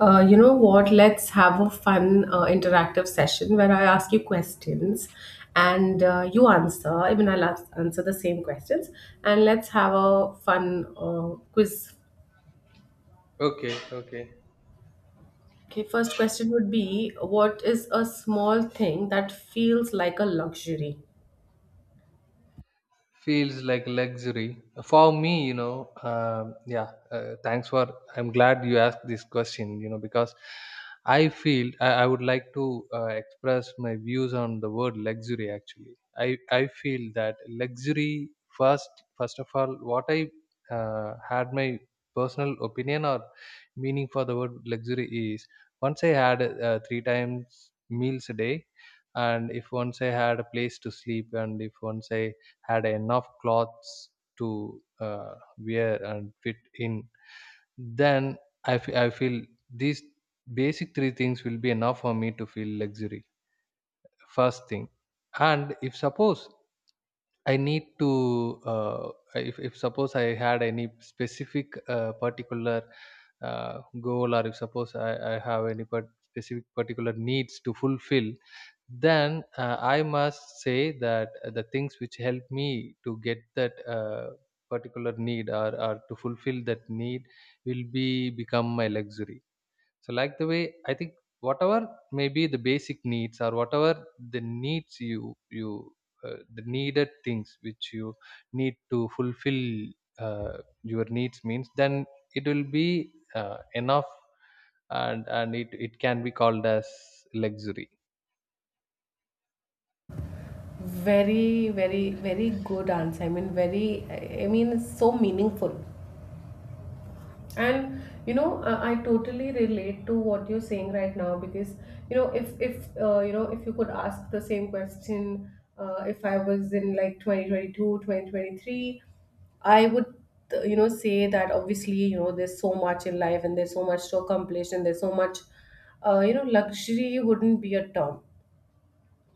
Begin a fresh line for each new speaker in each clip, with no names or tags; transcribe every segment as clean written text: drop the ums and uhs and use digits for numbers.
You know what? Let's have a fun interactive session where I ask you questions and you answer. I mean, I'll ask, answer the same questions, and let's have a fun quiz.
Okay, okay.
Okay, first question would be, what is a small thing that feels like a luxury?
Feels like luxury for me, you know. Yeah, thanks for. I'm glad you asked this question, you know, because I feel I would like to express my views on the word luxury. Actually, I feel that luxury first of all, what I had my personal opinion or meaning for the word luxury is once I had three times meals a day, and if once I had a place to sleep, and if once I had enough clothes to wear and fit in then I feel these basic three things will be enough for me to feel luxury first thing. And if suppose I need to uh, if suppose I had any specific particular goal, or if suppose I have any specific particular needs to fulfill, then I must say that the things which help me to get that particular need, or to fulfill that need, will be become my luxury. So like the way I think, whatever may be the basic needs, or whatever the needs you the needed things which you need to fulfill your needs means, then it will be enough. And it can be called as luxury.
Very good answer. I mean, very, I mean, it's so meaningful. And you know, I totally relate to what you're saying right now, because you know, if you know, if you could ask the same question, if I was in like 2022, 2023, I would, you know, say that obviously, you know, there's so much in life and there's so much to accomplish and there's so much, you know, luxury wouldn't be a term.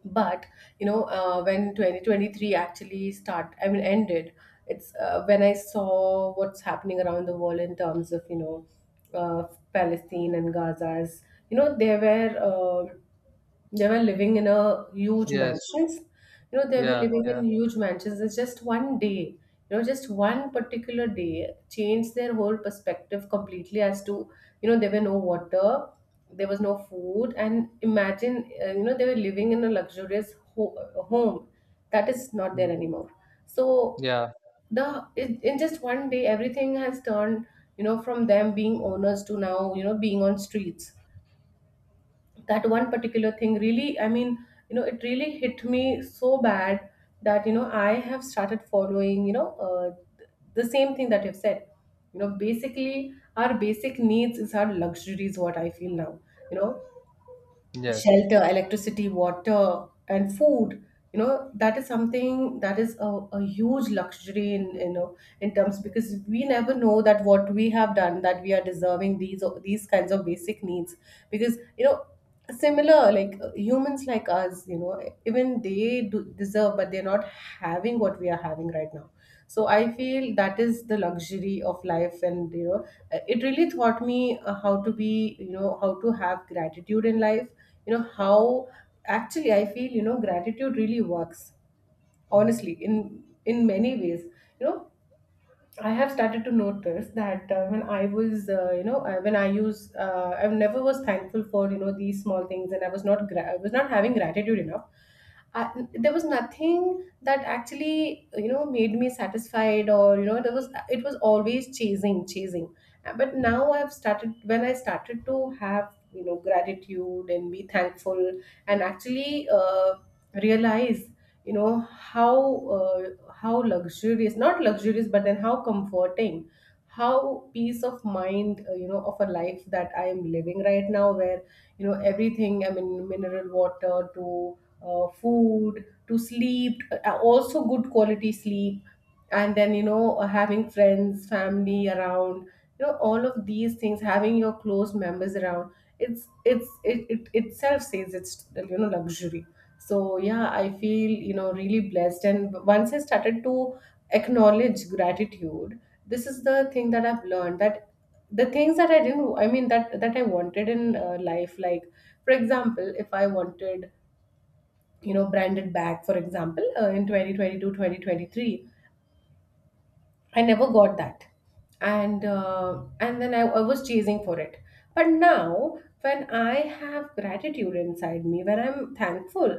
But you know, when 2023 actually start, I mean ended, it's when I saw what's happening around the world in terms of, you know, uh, Palestine and Gaza's, you know, there were they were living in a huge
Yes.
mansions. You know, they were
Yeah,
living in
yeah,
huge mansions. It's just one day, you know, just one particular day changed their whole perspective completely as to, you know, there were no water, there was no food, and imagine, you know, they were living in a home. That is not there
mm,
anymore. So
yeah,
in just one day, everything has turned, you know, from them being owners to now, you know, being on streets. That one particular thing really, I mean, you know, it really hit me so bad that you know, I have started following, you know, the same thing that you've said. You know, basically our basic needs is our luxuries, what I feel now, you know,
yes,
shelter, electricity, water, and food. You know, that is something that is a huge luxury, in you know, in terms, because we never know that what we have done that we are deserving these kinds of basic needs. Because you know, similar like humans like us, you know, even they do deserve, but they're not having what we are having right now. So I feel that is the luxury of life, and you know, it really taught me how to be, you know, how to have gratitude in life. You know how, actually I feel, you know, gratitude really works honestly in many ways, you know. I have started to notice that when I was, you know, when I use, I never was thankful for, you know, these small things, and I was not, gra- I was not having gratitude enough. I, there was nothing that actually, you know, made me satisfied, or you know, there was, it was always chasing. But now I've started, when I started to have, you know, gratitude and be thankful, and actually realize, you know, how uh, how luxurious, not luxurious, but then how comforting, how peace of mind, you know, of a life that I am living right now, where you know, everything, I mean mineral water to food to sleep, also good quality sleep, and then you know, having friends, family around, you know, all of these things, having your close members around. It itself says it's, you know, luxury. So yeah, I feel, you know, really blessed, and once I started to acknowledge gratitude, this is the thing that I've learned, that the things that I didn't, I mean that I wanted in life, like for example, if I wanted, you know, branded bag for example, in 2022, 2023. I never got that, and then I was chasing for it. But now, when I have gratitude inside me, when I'm thankful,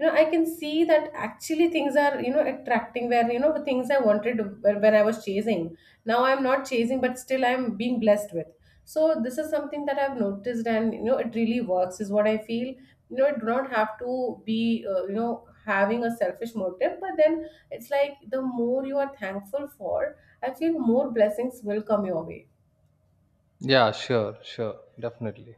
you know, I can see that actually things are, you know, attracting, where you know, the things I wanted when I was chasing. Now I'm not chasing, but still I'm being blessed with. So this is something that I've noticed, and you know, it really works, is what I feel. You know, I do not have to be you know, having a selfish motive, but then it's like the more you are thankful for, I feel more blessings will come your way.
yeah, sure, sure, definitely.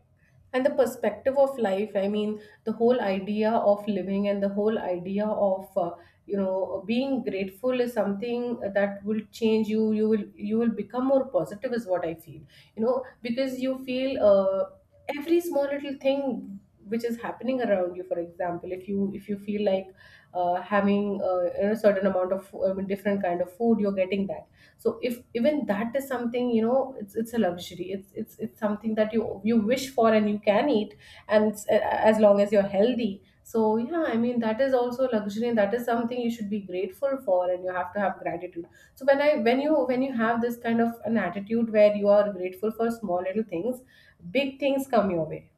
And the perspective of life, I mean, the whole idea of living and the whole idea of you know, being grateful is something that will change you. You will become more positive, is what I feel. You know, because you feel every small little thing which is happening around you. For example, if you feel like having a certain amount of different kind of food, you're getting that. So if even that is something, you know, it's a luxury, it's something that you wish for and you can eat. And it's, as long as you're healthy. So yeah, I mean that is also luxury, and that is something you should be grateful for, and you have to have gratitude. So when I when you have this kind of an attitude where you are grateful for small little things, big things come your way.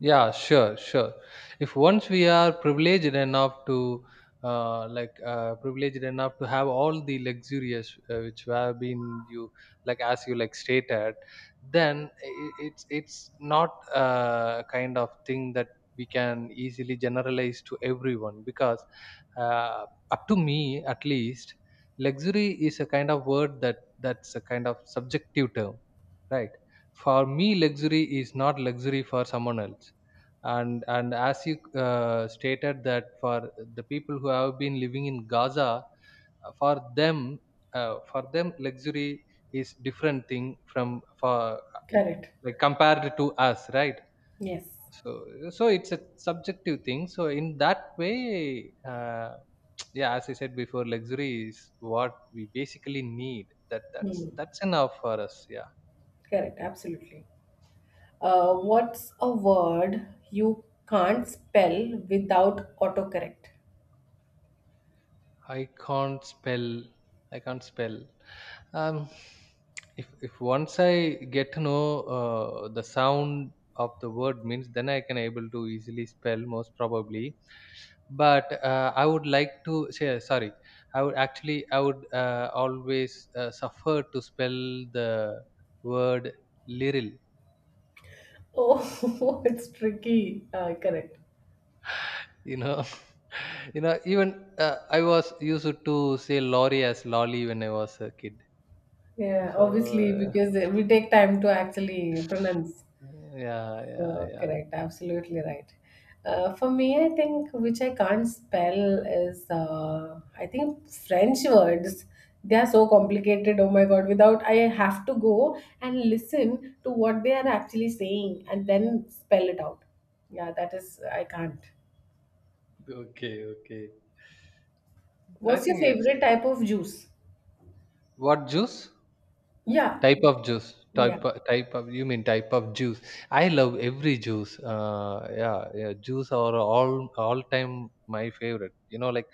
Yeah, sure, sure. If once we are privileged enough to, privileged enough to have all the luxurious which have been you, like, as you like stated, then it's not a kind of thing that we can easily generalize to everyone because, uh, up to me at least, luxury is a kind of word that that's a kind of subjective term, right? For me, luxury is not luxury for someone else. And as you stated that for the people who have been living in Gaza, uh, for them for them luxury is different thing from for
Correct,
like compared to us, right?
yes.
So so it's a subjective thing. So in that way, yeah, as I said before, luxury is what we basically need. That that's
Hmm.
that's enough for us. Yeah.
Correct, absolutely. What's a word you can't spell without autocorrect?
I can't spell. I can't spell. Um, if once I get to know the sound of the word means, then I can able to easily spell most probably. But I would like to say sorry. I would actually I would always suffer to spell the word literal.
Oh, it's tricky. Correct.
You know, you know. Even I was used to say lorry as lolly when I was a kid.
Yeah,
So
obviously,
uh,
because we take time to actually pronounce.
yeah, yeah,
So
yeah.
correct, absolutely right. For me, I think which I can't spell is, I think French words. They are so complicated. Oh my God! Without, I have to go and listen to what they are actually saying and then spell it out. Yeah, that is I can't.
Okay, okay. I
What's your
think it's
favorite type of juice?
what juice?
Yeah,
Type of juice.
yeah.
Type of you mean type of juice. I love every juice. Yeah, yeah, juice are all time my favorite. You know, like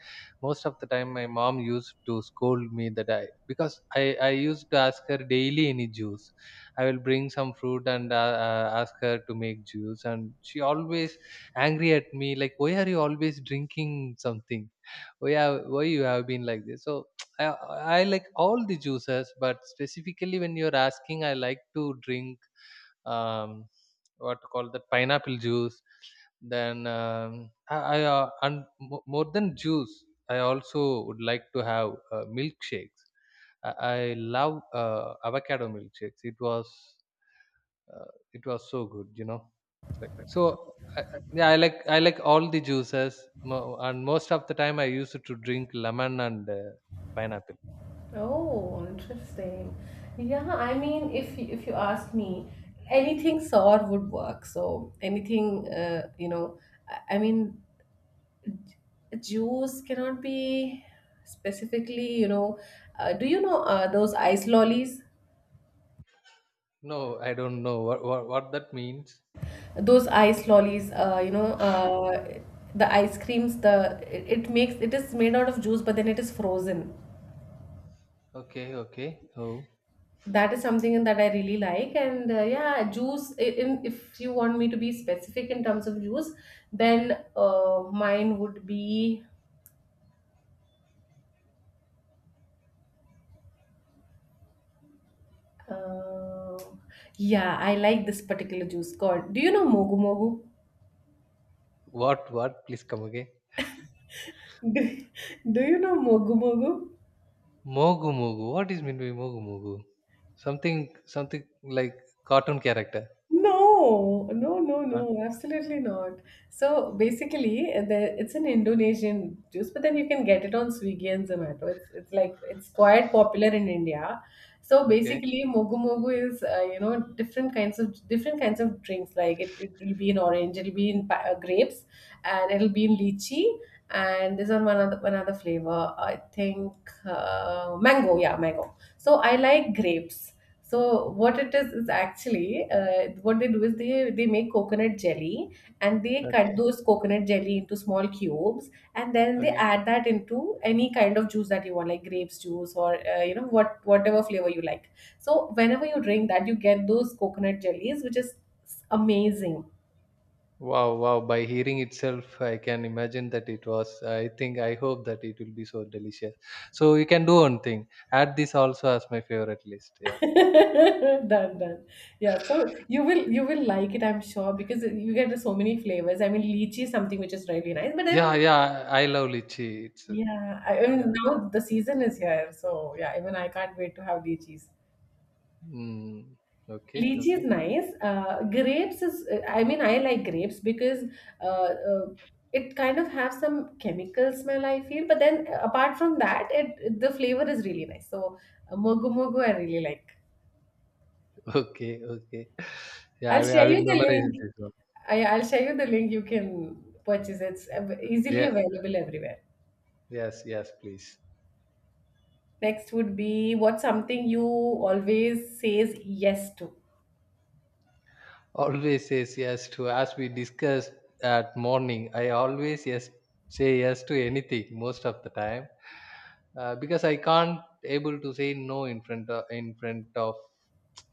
most of the time my mom used to scold me that I because I used to ask her daily any juice. I will bring some fruit and ask her to make juice, and she always angry at me like why are you always drinking something? Why have, why you have been like this? So I, I like all the juices, but specifically when you're asking, I like to drink um, what to call that pineapple juice. Then I and more than juice, I also would like to have milkshakes. I love avocado milkshakes. Uh, it was so good, you know. Like so, I, yeah, I like all the juices, and most of the time I used to drink lemon and pineapple.
Oh, interesting. Yeah, I mean, if you ask me, anything sour would work. So anything, you know, I mean, ju- juice cannot be specifically, you know. Do you know those ice lollies?
No, I don't know what what that means.
Those ice lollies, you know, the ice creams. It makes, it is made out of juice, but then it is frozen.
Okay, okay. Oh,
That is something that I really like, and yeah, juice I- in if you want me to be specific in terms of juice, then mine would be uh, yeah, I like this particular juice called, do you know mogu mogu?
what? Please come again.
Do you know mogu mogu?
Mogu Mogu. What is meant by Mogu Mogu? Something like cartoon character.
No, no, no,
Ah,
no, absolutely not. So basically, the, it's an Indonesian juice, but then you can get it on Swiggy and Zomato. It's like, it's quite popular in India. So
okay,
basically, mogu mogu is, you know, different kinds of drinks. Like it will be in orange, it'll be in grapes, and it'll be in lychee, and there's one other flavor. I think mango. Yeah, mango. So I like grapes. So what it is actually, what they do is they make coconut jelly, and they cut
okay,
those coconut jelly into small cubes, and then they
okay.
add that into any kind of juice that you want, like grapes juice, or you know, whatever flavor you like. So whenever you drink that, you get those coconut jellies, which is amazing.
Wow, wow. By hearing itself, I can imagine that it was. I think I hope that it will be so delicious. So you can do one thing. Add this also as my favorite list. Yeah,
Done, done. Yeah, so you will like it, I'm sure, because you get so many flavors. I mean lychee is something which is really nice, but then,
yeah, yeah. I love lychee. It's
yeah, I mean
yeah.
now the season is here, so yeah, even I can't wait to have lychees.
Mm, okay,
Lychee is
okay.
nice. Grapes is, I mean, I like grapes because uh, uh, it kind of have some chemical smell, I feel. But then apart from that, it the flavor is really nice. So mogu mogu, I really like.
Okay, okay. Yeah,
I'll
I
share
will
you the
memorize
link.
this one.
I'll share you the link. You can purchase it. It's easily
Yeah,
available everywhere.
yes, yes, please.
Next would be, what something you always says yes to.
Always says yes to, as we discussed at morning, I always say yes to anything most of the time because I can't able to say no in front of, in front of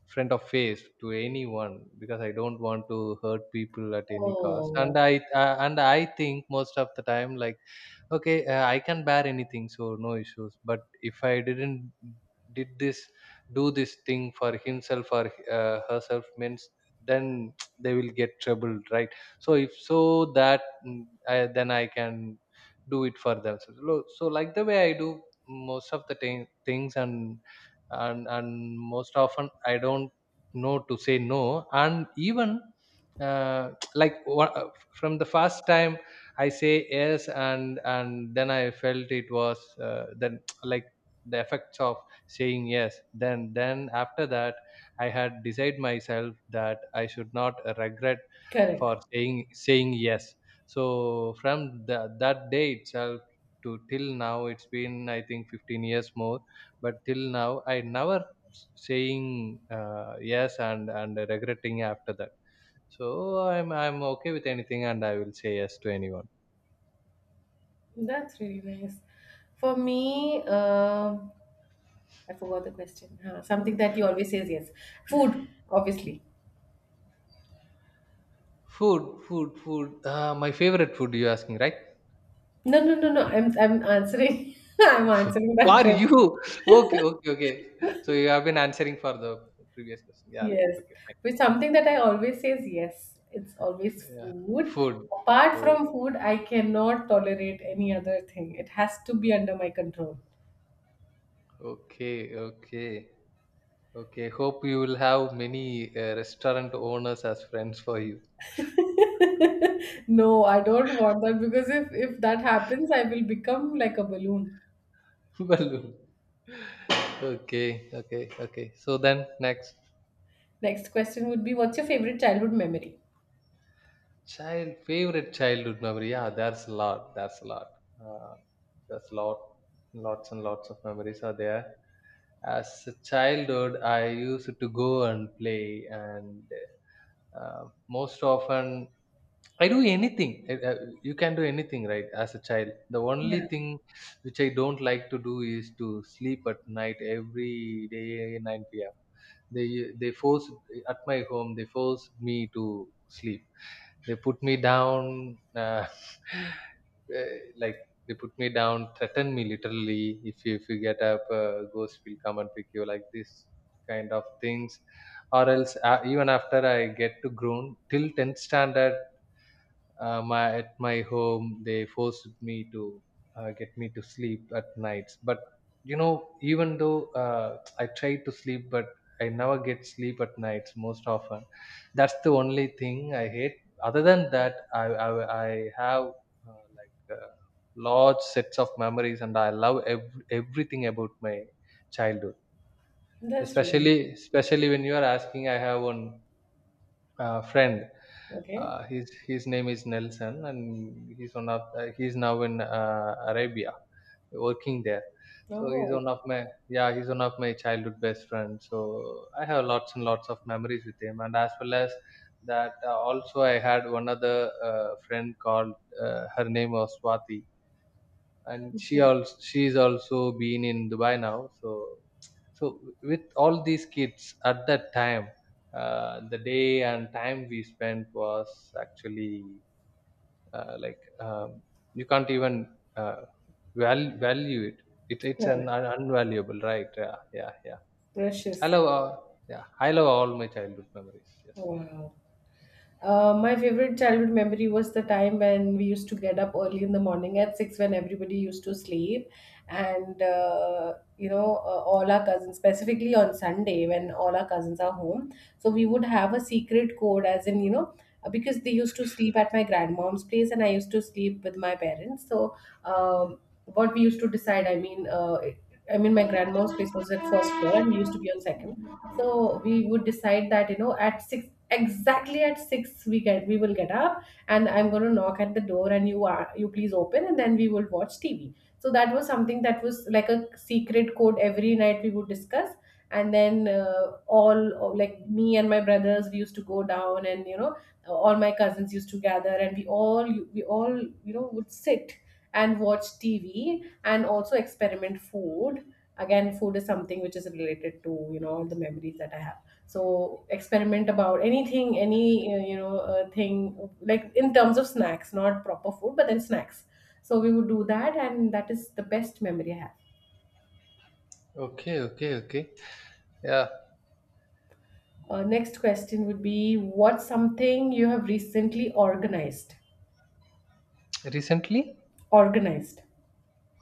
front of face to anyone because I don't want to hurt people at any cost.
Oh,
And I think most of the time like okay, I can bear anything so no issues. But if I didn't did this do this thing for himself or herself means, then they will get troubled, right? So if so that mm, then I can do it for themselves. So like the way I do most of the things, and most often I don't know to say no. And even uh, like wha- from the first time I say yes, and then I felt it was then like the effects of saying yes. Then after that, I had decided myself that I should not regret
correct.
for saying yes. So from the, that day itself to till now, it's been I think 15 years more. But till now, I never saying yes and regretting after that. So I'm okay with anything, and I will say yes to anyone.
That's really nice. For me, I forgot the question. Huh, something that you always says yes. Food, obviously.
Food, food, food. My favorite food you're asking, right?
No, no, no, no. I'm answering. I'm answering that
For
question.
you. Okay, okay, okay. So you have been answering for the previous question. Yeah, right.
Yes.
Okay, fine.
With something that I always says yes. It's always
Yeah.
food.
Food,
Apart
food.
from food, I cannot tolerate any other thing. It has to be under my control.
Okay, okay, okay. Hope you will have many restaurant owners as friends for you.
No, I don't want that, because if that happens, I will become like a balloon.
Balloon. Okay, okay, okay. So then next.
Next question would be, what's your favorite childhood memory?
Child favorite childhood memory. Yeah, there's a lot. There's a lot. Uh, there's lot, lots and lots of memories are there. As a childhood, I used to go and play, and uh, most often I do anything. You can do anything, right? As a child, the only
Yeah.
thing which I don't like to do is to sleep at night every day 9 p.m. They they forced at my home. They forced me to sleep, they put me down, eh, like they put me down, threaten me literally. If if you get up, ghost will come and pick you, like this kind of things. Or else, even after I get to grown till 10th standard, my at my home they forced me to get me to sleep at nights. But you know, even though I try to sleep, but I never get sleep at nights most often. That's the only thing I hate. Other than that, I have uh, like uh, large sets of memories, and I love everything about my childhood.
That's really
Especially when you are asking, I have one friend,
okay.
his name is Nelson, and he's one of he's now in Arabia, working there. So he's one
Oh,
of my yeah he's one of my childhood best friends. So I have lots and lots of memories with him, and as well as that, also I had one other friend called her name was Swati, and
okay.
she's also been in Dubai now. So so with all these kids at that time, the day and time we spent was actually uh, like um, you can't even uh, value it. It it's an
Correct.
unvaluable, right? Yeah, yeah, yeah. I
Precious.
love yeah I love all my childhood memories. Yes.
Wow. My favorite childhood memory was the time when we used to get up early in the morning at 6 when everybody used to sleep, and all our cousins, specifically on Sunday when all our cousins are home, so we would have a secret code, as in because they used to sleep at my grandmom's place and I used to sleep with my parents. So um, what we used to decide, I mean my grandmom's place was at first floor and we used to be on second. So we would decide that you know at six exactly at 6 we will get up, and I'm going to knock at the door and you please open, and then we will watch TV. So that was something that was like a secret code. Every night we would discuss. And then all like me and my brothers, we used to go down, and you know all my cousins used to gather, and we all you know would sit and watch TV and also experiment food. Again, food is something which is related to you know all the memories that I have. So experiment about anything, any thing, like in terms of snacks, not proper food, but then snacks. So we would do that, and that is the best memory I have.
Okay, okay, okay. Yeah.
Next question would be, what's something you have recently organized?
Recently.
Organized.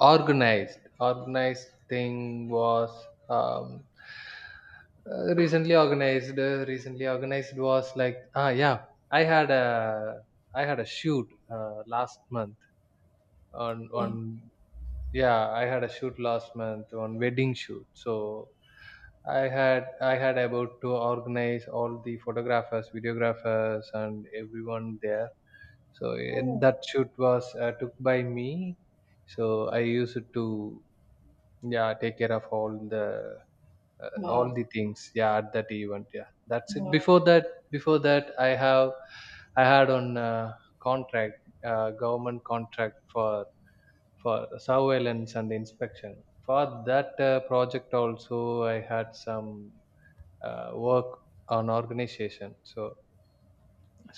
Organized thing was um, recently organized. Recently organized was like ah yeah, I had a I had a shoot last month
Okay.
on yeah I had a shoot last month on wedding shoot. So I had about to organize all the photographers, videographers, and everyone there. So
Oh,
that shoot was took by me. So I used it to yeah take care of
wow.
all the things, yeah, at that event. Yeah, that's it.
Wow.
Before that, I have I had on contract government contract for surveillance and inspection. For that project also I had some work on organization. So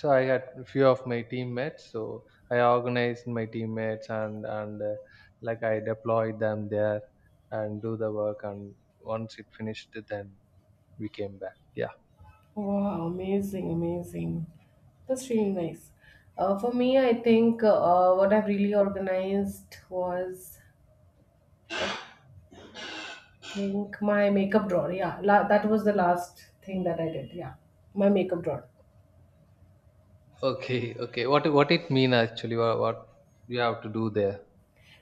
so I had a few of my teammates. So I organized my teammates and like I deployed them there and do the work. And once it finished, then we came back. Yeah.
Wow, amazing, amazing. That's really nice. For me, I think what I've really organized was, I think, my makeup drawer. Yeah, that was the last thing that I did. Yeah, my makeup drawer.
Okay. Okay. What it mean actually? What you have to do there?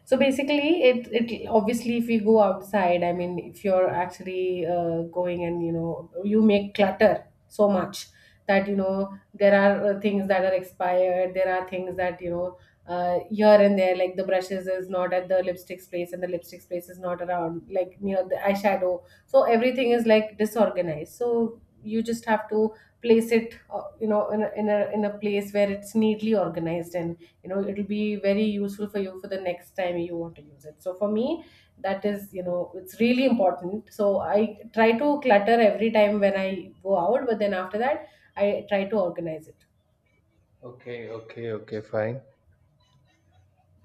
So basically, it obviously if we go outside, I mean, if you're actually going and you know you make clutter so much that you know there are things that are expired, there are things that you know here and there, like the brushes is not at the lipstick's place and the lipstick's place is not around, like near the eyeshadow. So everything is like disorganized. So you just have to place it you know in a, in a place where it's neatly organized, and you know it'll be very useful for you for the next time you want to use it. So for me, that is you know it's really important. So I try to clutter every time when I go out, but then after that I try to organize it.
Okay. Okay. Okay. Fine.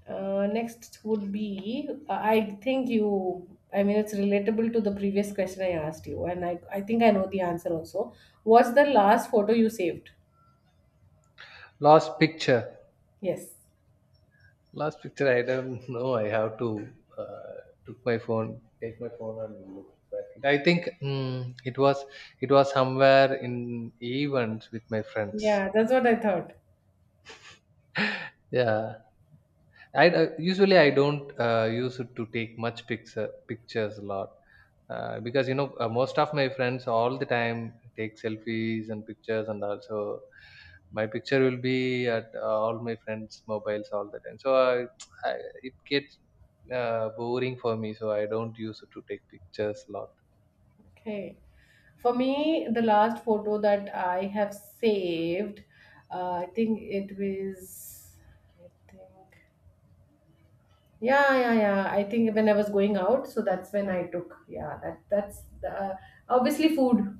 Next would be, I think you, I mean it's relatable to the previous question I asked you, and I think I know the answer also. What's the last photo you saved?
Last picture.
Yes.
Last picture, I don't know. I have to uh, take my phone, and look back. I think it was somewhere in events with my friends.
Yeah, that's what I thought.
Yeah, I usually I don't use it to take much pictures a lot because most of my friends all the time take selfies and pictures, and also my picture will be at all my friends' mobiles all the time. So I it gets boring for me. So I don't use it to take pictures a lot.
Okay. For me, the last photo that I have saved, I think it was, I think, yeah, yeah, yeah. I think when I was going out, so that's when I took. Yeah, that that's the, obviously food.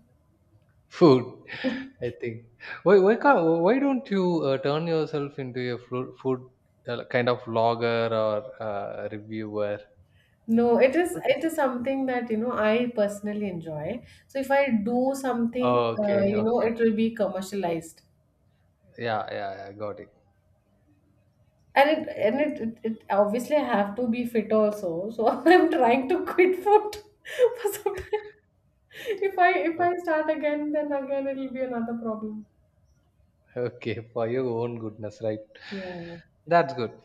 Food, I think. Why don't you turn yourself into a food kind of vlogger or reviewer?
No, it is something that you know I personally enjoy. So if I do something,
Okay,
you know,
okay.
it will be commercialized.
Yeah, yeah, yeah, got it.
and it
Okay.
and it, it, it obviously I have to be fit also. So I'm trying to quit food for some time. If I if
o-
I start again, then again it'll be another problem.
Okay, for your own goodness, right?
Yeah.
That's good.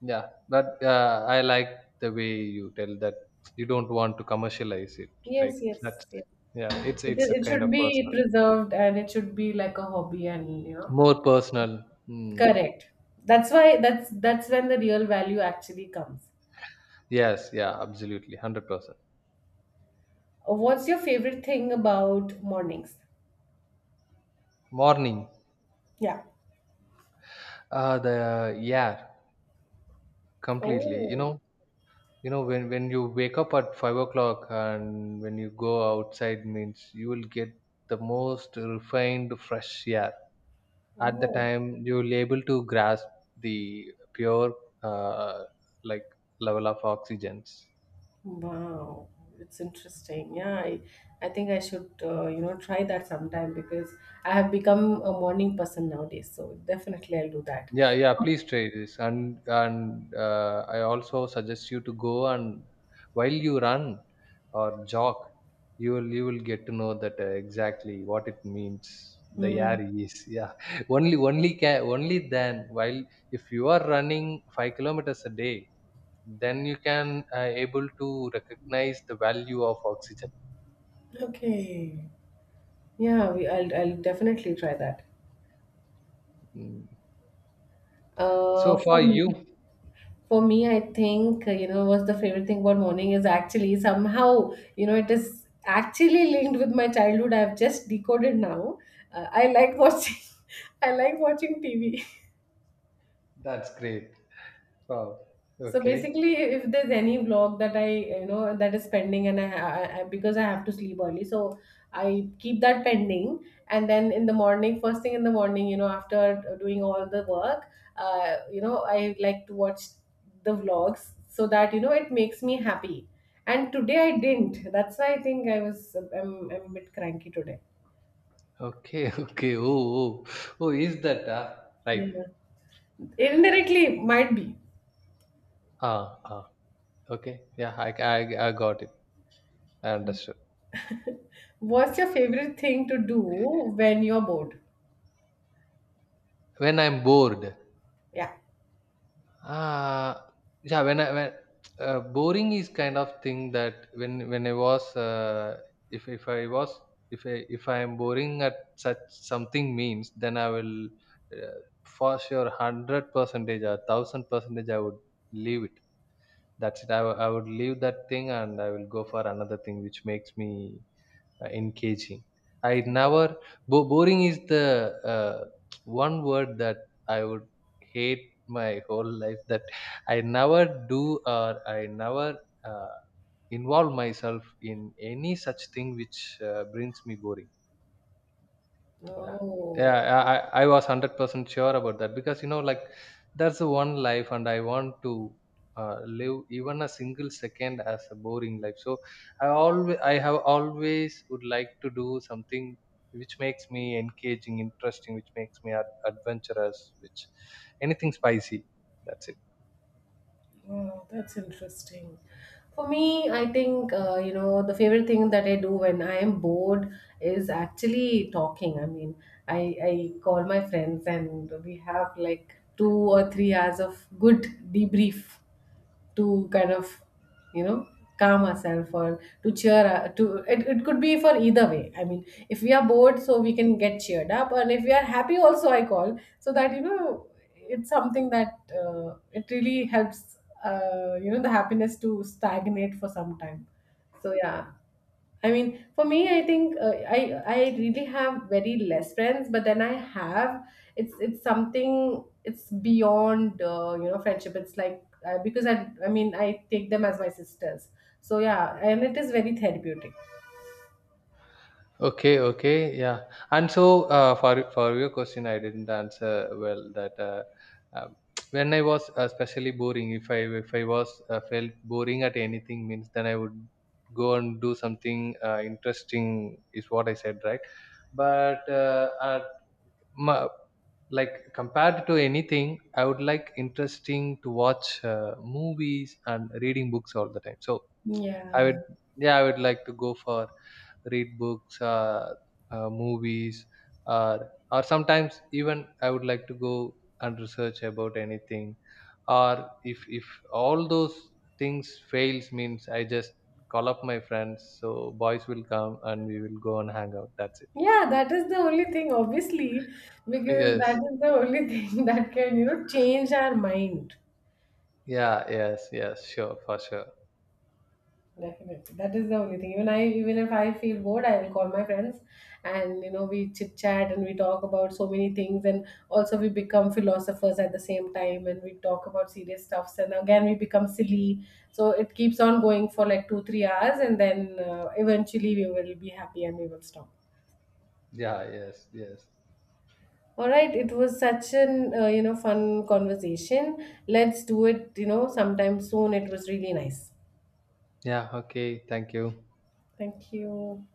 Yeah, but I like the way you tell that you don't want to commercialize it, right?
Yes, yes,
That's
yes.
Yeah, it's
It,
it's a
it
kind
should
of
be
personal,
preserved, and it should be like a hobby, and you know.
more personal. Hmm.
Correct. That's why that's when the real value actually comes.
Yes, yeah, absolutely, 100%.
What's your favorite thing about mornings?
Morning,
Yeah.
the yeah, completely.
Oh.
You know when you wake up at 5 o'clock and when you go outside means you will get the most refined fresh air. At the
Oh.
time you will able to grasp the pure uh, like level of oxygens.
Wow, it's interesting. Yeah, I think I should, you know, try that sometime because I have become a morning person nowadays. So definitely I'll do that.
Yeah, yeah, please try this. And I also suggest you to go and while you run or jog, you will get to know that exactly what it means. The
Mm,
air is yeah. Only only Can only then, while if you are running 5 kilometers a day, then you can able to recognize the value of oxygen.
okay. Yeah, I'll definitely try that.
Mm.
Uh,
So
for
for
me,
you,
for me, I think, you know, what's the favorite thing about morning is actually somehow, you know, it is actually linked with my childhood. I've just decoded now. I like watching, I like watching TV.
that's great. Wow.
So
Okay.
basically, if there's any vlog that I, you know, that is pending, and I because I have to sleep early, so I keep that pending. And then in the morning, first thing in the morning, you know, after doing all the work, you know, I like to watch the vlogs so that, you know, it makes me happy. And today I didn't. That's why I think I'm a bit cranky today.
Okay, okay. Oh, oh, oh, is that
Yeah.
right?
Indirectly, might be.
Ah, ah, okay. I got it. I understood.
What's your favorite thing to do when you're bored?
When I'm bored,
Yeah.
ah, yeah, boring is kind of thing that when I was, if I was, if I am boring at such something means, then uh, for sure, hundred percentage or thousand percentage, I would leave it. That's it. I would leave that thing and I will go for another thing which makes me engaging. I never bo- Boring is the one word that I would hate my whole life. That I never do, or I never uh, involve myself in any such thing which brings me boring. yeah
Oh.
yeah i i I was 100% sure about that, because you know, like, that's the one life, and I want to live even a single second as a boring life. So I have always would like to do something which makes me engaging, interesting, which makes me adventurous, which anything spicy, that's it.
Oh, that's interesting. For me, I think, you know, the favorite thing that I do when I am bored is actually talking. I mean, I call my friends, and we have like 2 or 3 hours of good debrief to kind of you know calm ourselves or to cheer to it could be for either way. I mean, if we are bored, so we can get cheered up, and if we are happy also I call so that you know it's something that it really helps you know the happiness to stagnate for some time. So yeah. I mean, for me, I think I really have very less friends, but then I have, it's something, it's beyond you know, friendship. It's like because I mean I take them as my sisters. So yeah, and it is very therapeutic.
Okay, okay, yeah. And so, for your question, I didn't answer well. That um, when I was especially boring, if I was felt boring at anything, means then I would go and do something interesting. Is what I said, right? But at my, like compared to anything, I would like interesting to watch movies and reading books all the time. So I would,
Yeah.
yeah, I would like to go for read books or movies, or sometimes even I would like to go and research about anything, or if all those things fails means I just call up my friends, so boys will come and we will go and hang out, that's it.
Yeah, that is the only thing, obviously, because
Yes,
that is the only thing that can, you know, change our mind.
yeah, yes, yes, sure, for sure.
Definitely. That is the only thing. Even if I feel bored, I will call my friends, and you know we chit chat and we talk about so many things, and also we become philosophers at the same time, and we talk about serious stuffs, and again we become silly. So it keeps on going for like 2 3 hours, and then eventually we will be happy and we will stop.
Yeah, yes, yes.
All right, it was such an you know fun conversation. Let's do it, you know, sometime soon. It was really nice.
Yeah, okay, thank you.
Thank you.